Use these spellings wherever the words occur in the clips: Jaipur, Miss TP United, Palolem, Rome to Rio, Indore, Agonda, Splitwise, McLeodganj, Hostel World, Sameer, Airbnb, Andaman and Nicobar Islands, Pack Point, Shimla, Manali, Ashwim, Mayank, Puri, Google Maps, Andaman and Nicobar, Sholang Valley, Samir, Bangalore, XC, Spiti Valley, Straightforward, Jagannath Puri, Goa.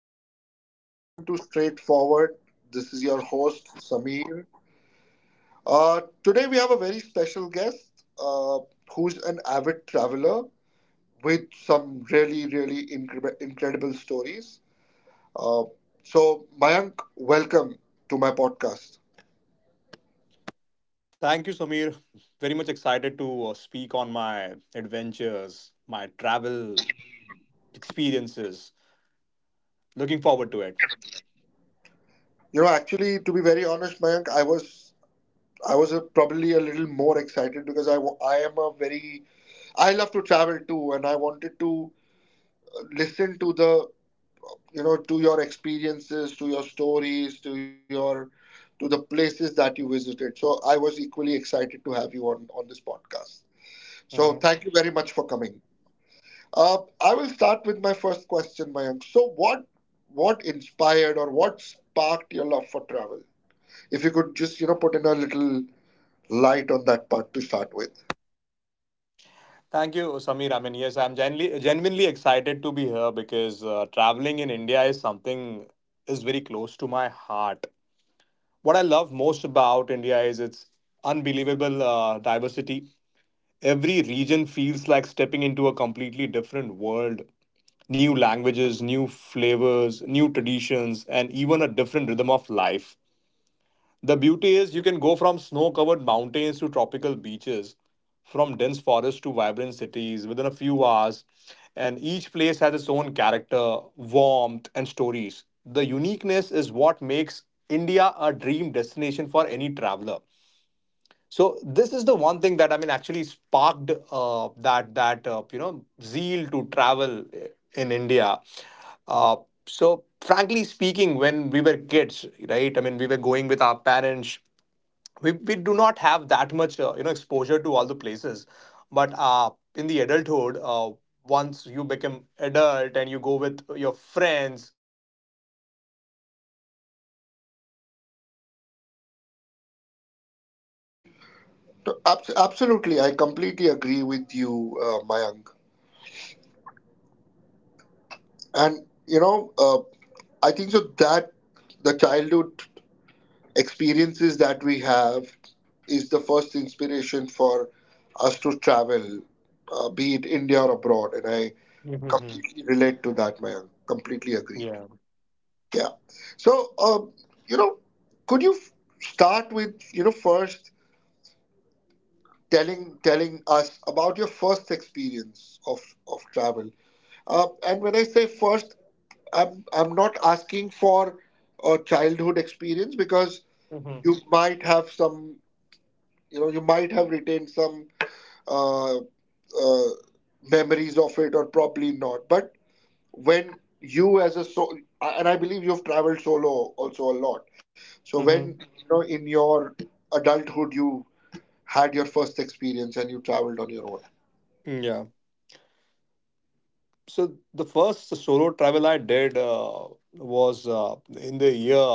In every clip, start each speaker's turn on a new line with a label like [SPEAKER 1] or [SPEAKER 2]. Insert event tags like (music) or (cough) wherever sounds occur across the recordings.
[SPEAKER 1] everybody. Welcome to Straightforward. This is your host, Sameer. Today, we have a very special guest, who's an avid traveler with some really, really incredible stories. Uh, so, Mayank, welcome to my podcast.
[SPEAKER 2] Thank you, Samir. Very much excited to speak on my adventures, my travel experiences. Looking forward to it.
[SPEAKER 1] You know, actually, to be very honest, Mayank, I was probably a little more excited because I, wa- I am a very I love to travel too, and I wanted to listen to the you know to your experiences, to your stories, to the places that you visited. So I was equally excited to have you on this podcast. So
[SPEAKER 2] Mhm.
[SPEAKER 1] thank you very much for coming. I will start with my first question, Mayank. So what inspired or what sparked your love for travel? If you could just, put in a little light on that part to start with.
[SPEAKER 2] Thank you, Samir. I mean, yes, I'm genuinely, genuinely excited to be here because traveling in India is something is very close to my heart. What I love most about India is its unbelievable diversity. Every region feels like stepping into a completely different world. New languages, new flavors, new traditions, and even a different rhythm of life. The beauty is you can go from snow covered mountains to tropical beaches, from dense forests to vibrant cities within a few hours, and each place has its own character, warmth, and stories. The uniqueness is what makes India a dream destination for any traveler. So this is the one thing that I mean actually sparked that zeal to travel in India. Uh, so frankly speaking, when we were kids, right? I mean, we were going with our parents. We do not have that much exposure to all the places, but in the adulthood, once you become adult and you go with your friends, uh, you know the experience is very different. So that is the thing that sparked the new
[SPEAKER 1] So,
[SPEAKER 2] zeal for
[SPEAKER 1] absolutely, I
[SPEAKER 2] traveling for me.
[SPEAKER 1] completely agree with you, Mayank. And uh, I think so that the childhood experiences that we have is the first inspiration for us to travel, be it India or abroad. And I
[SPEAKER 2] Mm-hmm.
[SPEAKER 1] completely relate to that, Mayank. Completely agreed.
[SPEAKER 2] Yeah.
[SPEAKER 1] Yeah. So, you know, could you start with, first telling us about your first experience of travel? And when I say first, I'm not asking for a childhood experience, because
[SPEAKER 2] Mm-hmm.
[SPEAKER 1] you might have some you know you might have retained some uh, uh, memories of it, or probably not. But when you, as a, so, and I believe you've traveled solo also a lot. So when,
[SPEAKER 2] Mm-hmm.
[SPEAKER 1] you know, in your adulthood, you had your first experience and you traveled on your own.
[SPEAKER 2] Yeah. So the first solo travel I did was in the year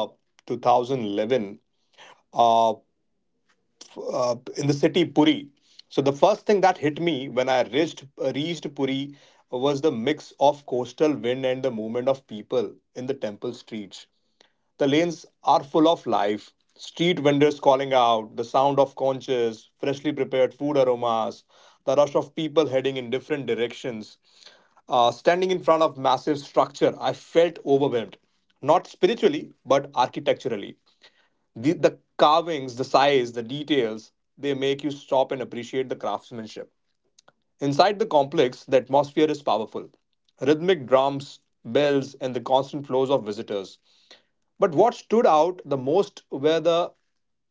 [SPEAKER 2] 2011, uh, uh, in the city Puri. So the first thing that hit me when I reached Puri was the mix of coastal wind and the movement of people in the temple streets. The lanes are full of life: street vendors calling out, the sound of conches, freshly prepared food aromas, the rush of people heading in different directions. Standing in front of massive structure, I felt overwhelmed. Not spiritually, but architecturally. The carvings, the size, the details, they make you stop and appreciate the craftsmanship. Inside the complex, the atmosphere is powerful: rhythmic drums, bells, and the constant flows of visitors. But what stood out the most were the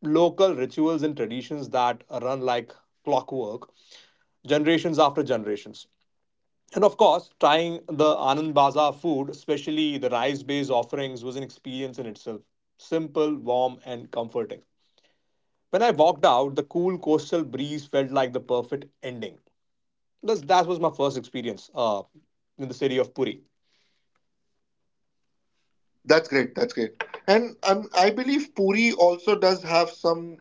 [SPEAKER 2] local rituals and traditions that run like clockwork, generations after generations. And of course, trying the Anand Bazaar food, especially the rice based offerings, was an experience in itself. Simple, warm, and comforting. When I walked out, the cool coastal breeze felt like the perfect ending. That was my first experience in the city of Puri.
[SPEAKER 1] That's great. That's great. And, I believe Puri also does have some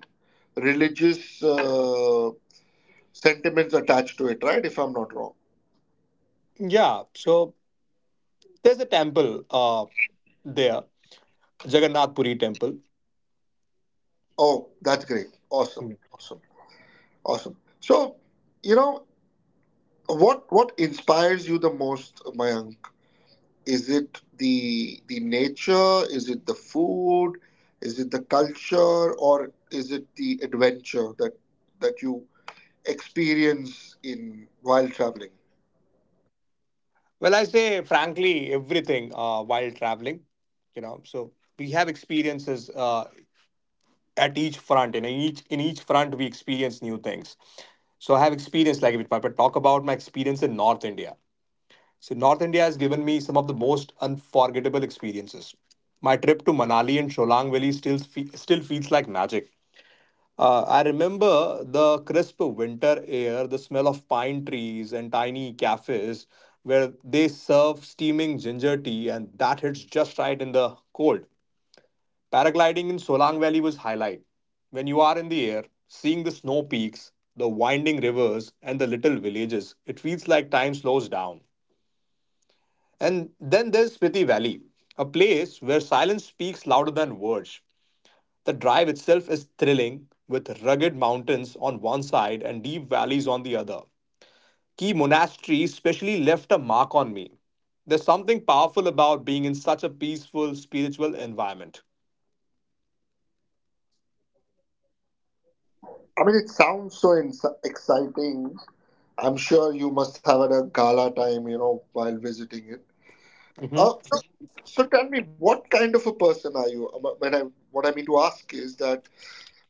[SPEAKER 1] religious, sentiments attached to it, right, if I'm not wrong?
[SPEAKER 2] Yeah, so there's a temple there, Jagannath Puri temple.
[SPEAKER 1] Oh, that's great. Awesome.
[SPEAKER 2] Mm.
[SPEAKER 1] Awesome. Awesome. So, you know, what inspires you the most, Mayank? Is it the nature? Is it the food? Is it the culture, or is it the adventure that you experience in while traveling?
[SPEAKER 2] Well, I say frankly, everything while traveling. So we have experiences at each front, and in each front we experience new things. So I have experience like if I could talk about my experience in North India. So North India has given me some of the most unforgettable experiences. My trip to Manali and Sholang Valley still feels like magic. I remember the crisp winter air, the smell of pine trees and tiny cafes where they serve steaming ginger tea, and that hits just right in the cold. Paragliding in Solang Valley was highlight. When you are in the air, seeing the snow peaks, the winding rivers, and the little villages, it feels like time slows down. And then there's Spiti Valley, a place where silence speaks louder than words. The drive itself is thrilling, with rugged mountains on one side and deep valleys on the other. Key monasteries specially left a mark on me. There's something powerful about being in such a peaceful spiritual environment.
[SPEAKER 1] I mean, it sounds so ins exciting. I'm sure you must have had a gala time, while visiting it. Uh,
[SPEAKER 2] Mhm.
[SPEAKER 1] so, so, tell me, what kind of a person are you? When I What I mean to ask is that,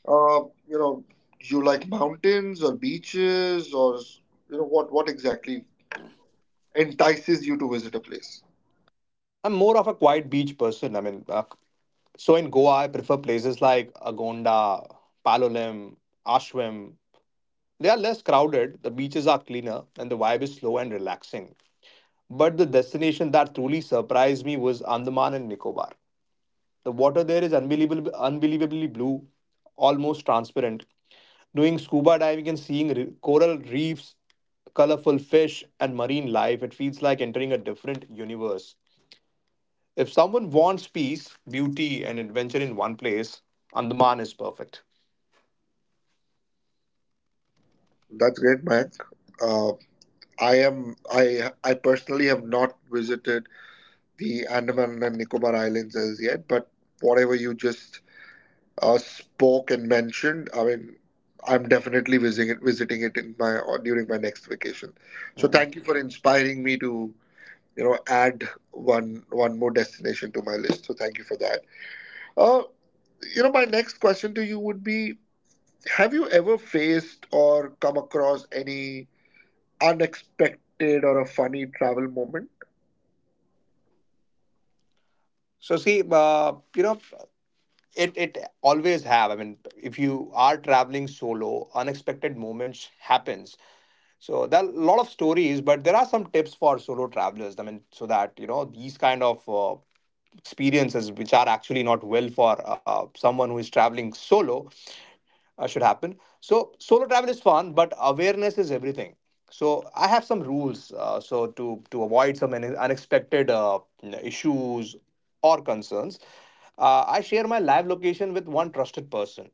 [SPEAKER 1] Uh, you know, you like mountains or beaches, or what exactly entices you to visit a place?
[SPEAKER 2] I'm more of a quiet beach person. I mean, so in Goa, I prefer places like Agonda, Palolem, Ashwim. They are less crowded, the beaches are cleaner, and the vibe is slow and relaxing. But the destination that truly surprised me was Andaman and Nicobar. The water there is unbelievable, unbelievably blue, almost transparent. Doing scuba diving and seeing coral reefs, colorful fish, and marine life, it feels like entering a different universe. If someone wants peace, beauty, and adventure in one place, Andaman is perfect.
[SPEAKER 1] That's great, Mayank. Uh, I am I personally have not visited the Andaman and Nicobar Islands as yet, but whatever you just spoke and mentioned, I mean, I'm definitely visiting it in my or during my next vacation. So
[SPEAKER 2] Mm.
[SPEAKER 1] thank you for inspiring me to add one more destination to my list. So thank you for that. Uh, my next question to you would be: have you ever faced or come across any unexpected or a funny travel moment?
[SPEAKER 2] So see, it always have. I mean, if you are traveling solo, unexpected moments happens. So there are a lot of stories, but there are some tips for solo travelers. I mean, so that you know these kind of experiences, which are actually not well for someone who is traveling solo, should happen. So solo travel is fun, but awareness is everything. So I have some rules, so to avoid some unexpected issues or concerns. I share my live location with one trusted person.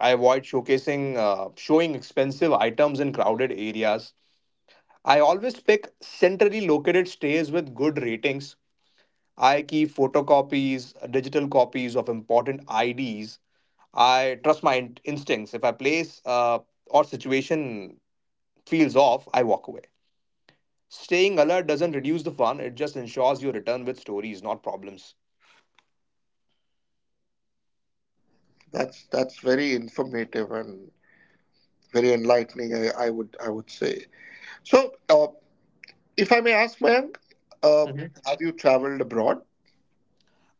[SPEAKER 2] I avoid showing expensive items in crowded areas. I always pick centrally located stays with good ratings. I keep photocopies, digital copies of important IDs. I trust my instincts. If I place or situation feels off, I walk away. Staying alert doesn't reduce the fun, it just ensures you return with stories, not problems.
[SPEAKER 1] That's very informative and very enlightening, I would say. So, if I may ask, Mayank, uh,
[SPEAKER 2] Mhm.
[SPEAKER 1] have you traveled abroad?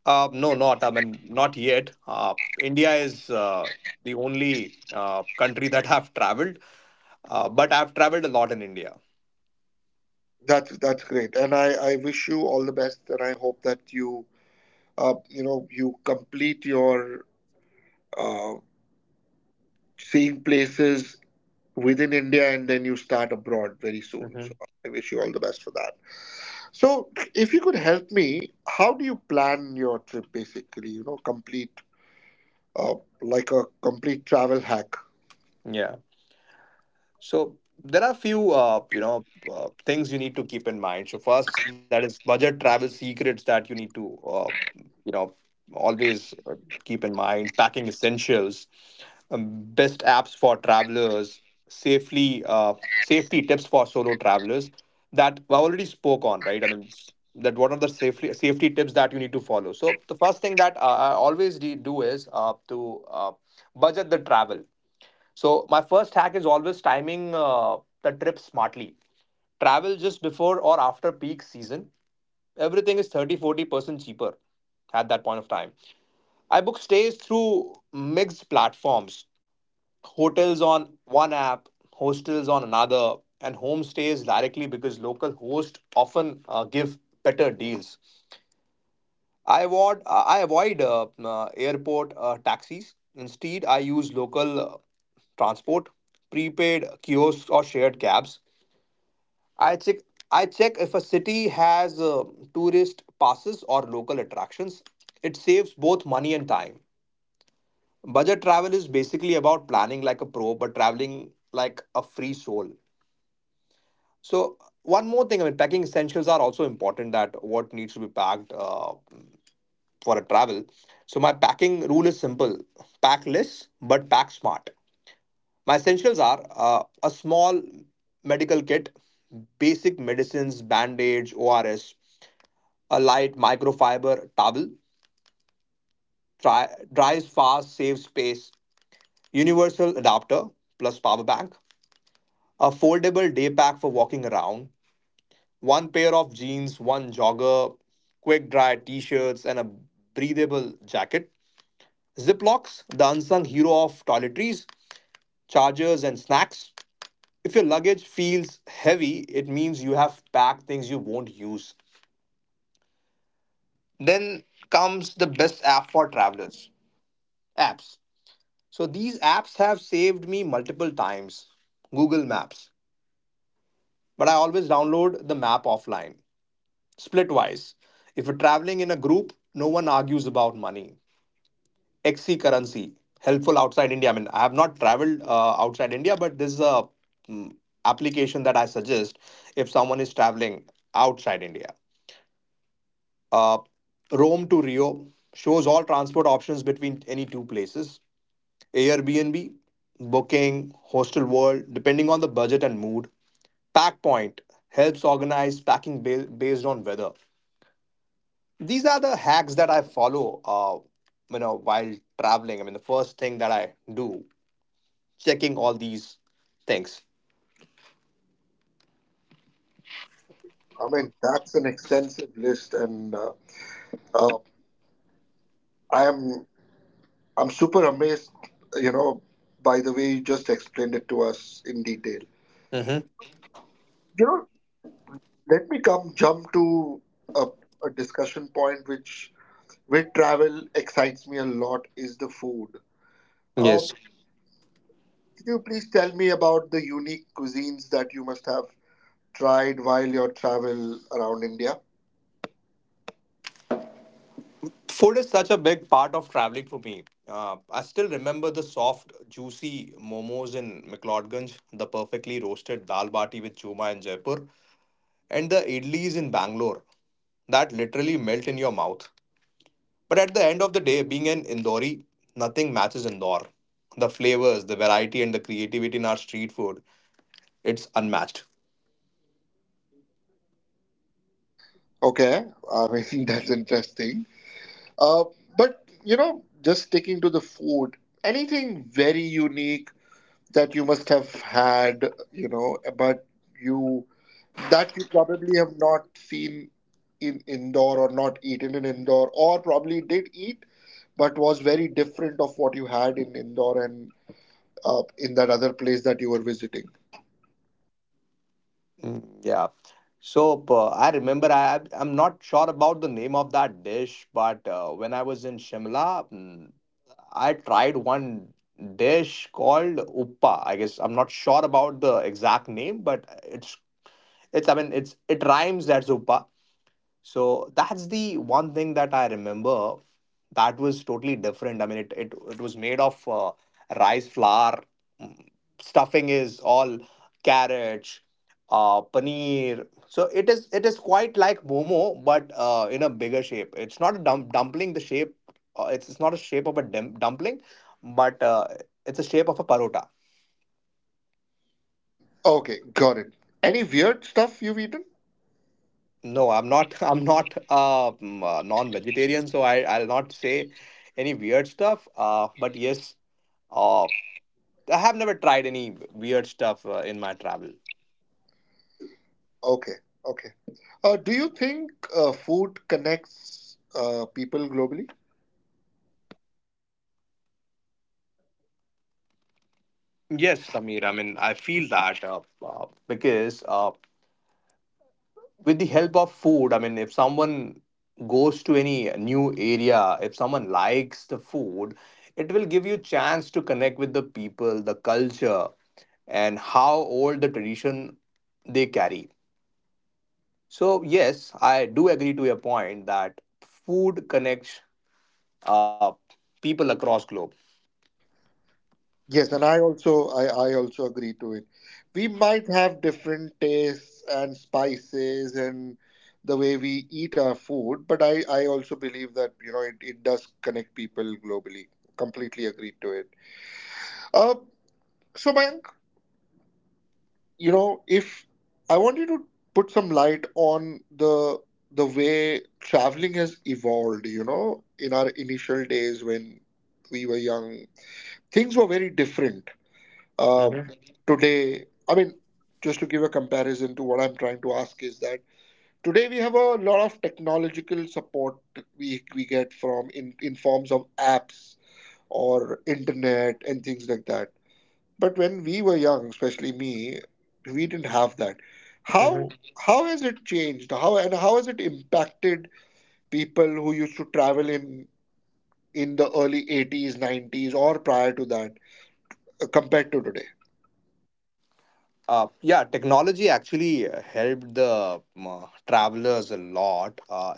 [SPEAKER 2] No, not. I mean, not yet. India is the only country that I've traveled, but I've traveled a lot in India.
[SPEAKER 1] That's great, and I wish you all the best, and I hope that you you know you complete your uh, seeing places within India and then you start abroad very soon.
[SPEAKER 2] Hmm.
[SPEAKER 1] So I wish you all the best for that. So if you could help me, how do you plan your trip basically? You know, complete, uh, like a complete travel hack.
[SPEAKER 2] Yeah. So there are few things you need to keep in mind. So first, that is budget travel secrets that you need to you know always keep in mind. Packing essentials, best apps for travelers, safely safety tips for solo travelers that I already spoke on, right? I mean that what are the safely safety tips that you need to follow. So the first thing that I always do is to budget the travel. So my first hack is always timing the trip smartly. Travel just before or after peak season. Everything is 30-40% cheaper at that point of time. I book stays through mixed platforms, hotels on one app, hostels on another, and homestays directly because local hosts often give better deals. I avoid airport taxis. Instead, I use local transport, prepaid kiosks or shared cabs. I check I check if a city has tourist passes or local attractions. It saves both money and time. Budget travel is basically about planning like a pro, but traveling like a free soul. So one more thing, I mean, packing essentials are also important. That what needs to be packed. For a travel. So my packing rule is simple: pack less but pack smart. My essentials are a small medical kit, basic medicines, bandage, ORS, a light microfiber towel, dries fast, saves space, universal adapter plus power bank, a foldable day pack for walking around, one pair of jeans, one jogger, quick dry t-shirts and a breathable jacket. Ziplocs, the unsung hero of toiletries, chargers, and snacks. If your luggage feels heavy, it means you have packed things you won't use. Then comes the best app for travelers apps. So these apps have saved me multiple times. Google Maps. But I always download the map offline. Splitwise. If you're traveling in a group, no one argues about money. XC currency helpful outside India. I mean, I have not traveled outside India, but this is a mm, application that I suggest if someone is traveling outside India. Uh, Rome to Rio shows all transport options between any two places. Airbnb, Booking, Hostel World, depending on the budget and mood. Pack Point helps organize packing based on weather. These are the hacks that I follow. While traveling. I mean, the first thing that I do checking all these things.
[SPEAKER 1] I mean, that's an extensive list, and uh, I am I'm super amazed. You know, by the way you just explained it to us in detail.
[SPEAKER 2] Mm-hmm.
[SPEAKER 1] You know, Let me come jump to a, a discussion point which, with travel, excites me a lot is the food. Uh,
[SPEAKER 2] Yes.
[SPEAKER 1] could you please tell me about the unique cuisines that you must have tried while your travel around India?
[SPEAKER 2] Food is such a big part of traveling for me. I still remember the soft, juicy momos in McLeodganj, the perfectly roasted dal bati with chuma in Jaipur, and the idlis in Bangalore that literally melt in your mouth. But at the end of the day, being an Indori, nothing matches Indore. The flavors, the variety, and the creativity in our street food, it's unmatched.
[SPEAKER 1] Okay, I mean, (laughs) that's interesting. Uh, but, just sticking to the food, anything very unique that you must have had, but you that you probably have not seen in indoor, or not eaten in indoor, or probably did eat but was very different of what you had in indoor and, in that other place that you were visiting.
[SPEAKER 2] Mm, yeah. So I remember I'm not sure about the name of that dish, but when I was in Shimla, mm, I tried one dish called uppa. I guess I'm not sure about the exact name, but it's, I mean, it rhymes, that's uppa. So that's the one thing that I remember that was totally different. I mean, it was made of rice flour. mm, Stuffing is all carrots, paneer. So it is quite like momo, but in a bigger shape. It's not a dumpling. The shape it's not a shape of a dumpling, but it's a shape of a parota.
[SPEAKER 1] Okay, got it. Any weird stuff you've eaten?
[SPEAKER 2] No, I'm not. (laughs) I'm not non-vegetarian, so I'll not say any weird stuff. But yes, uh, I have never tried any weird stuff in my travel.
[SPEAKER 1] Okay, okay. Do you think, food connects, people globally?
[SPEAKER 2] Yes, Samir. I mean, I feel that because with the help of food, I mean, if someone goes to any new area, if someone likes the food, it will give you chance to connect with the people, the culture, and how old the tradition they carry. So, yes, I do agree to your point that food connects uh, people across globe.
[SPEAKER 1] Yes, and I also, I also agree to it. We might have different tastes and spices and the way we eat our food, but I also believe that, it does connect people globally. Completely agree to it. Uh, so, Mayank, if I want you to put some light on the way traveling has evolved, you know, in our initial days when we were young, things were very different. uh,
[SPEAKER 2] Mm-hmm.
[SPEAKER 1] today i mean, just to give a comparison to what I'm trying to ask, is that today we have a lot of technological support. We get from, in forms of apps or internet and things like that. But when we were young, especially me, we didn't have that. how
[SPEAKER 2] Mm-hmm.
[SPEAKER 1] how has it changed? How has it impacted people who used to travel in the early 80s, 90s, or prior to that, compared to today?
[SPEAKER 2] Yeah, technology actually helped the travelers a lot. Uh,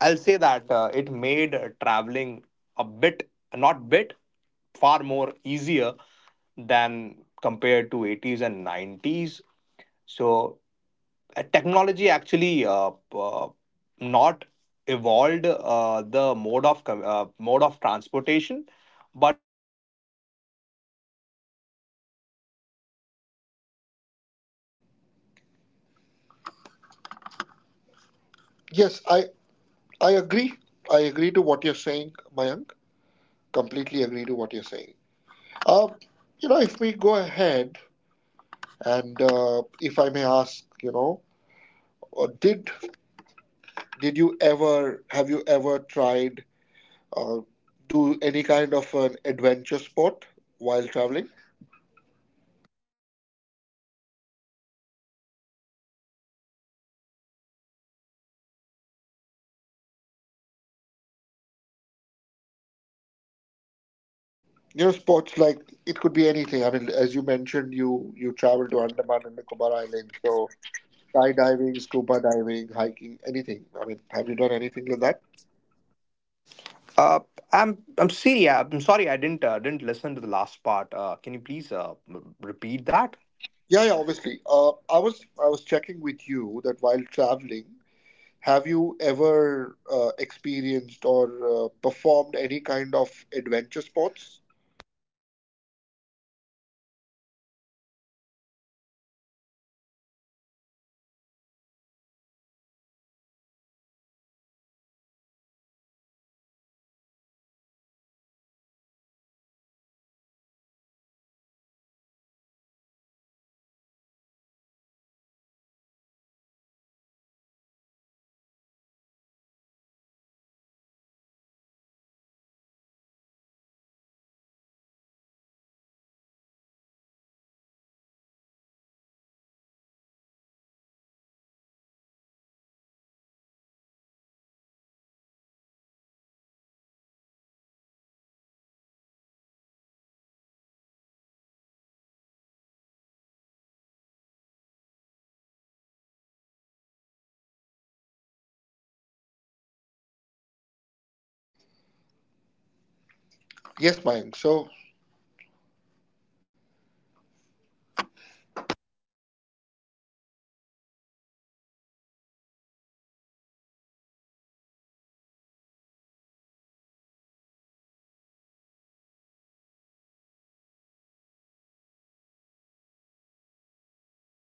[SPEAKER 2] I'll say that it made traveling a bit, not bit, far more easier than compared to 80s and 90s. So technology actually not evolved the mode of mode of transportation but
[SPEAKER 1] Yes, I agree. I agree to what you're saying, Mayank. Completely agree to what you're saying. Um, if we go ahead and, if I may ask, uh, did did you ever have you ever tried, uh, do any kind of an adventure sport while traveling? Sports like, it could be anything. I mean, as you mentioned, you travel to Andaman and Nicobar Islands, so skydiving, scuba diving, hiking, anything. I mean, have you done anything like that?
[SPEAKER 2] Uh, I'm sorry. I'm sorry. I didn't listen to the last part. Can you please repeat that,
[SPEAKER 1] Yeah, yeah, obviously. I was checking with you that while traveling, have you ever experienced or performed any kind of adventure sports?
[SPEAKER 2] Samir? Samir.
[SPEAKER 1] Yes, Mayank. So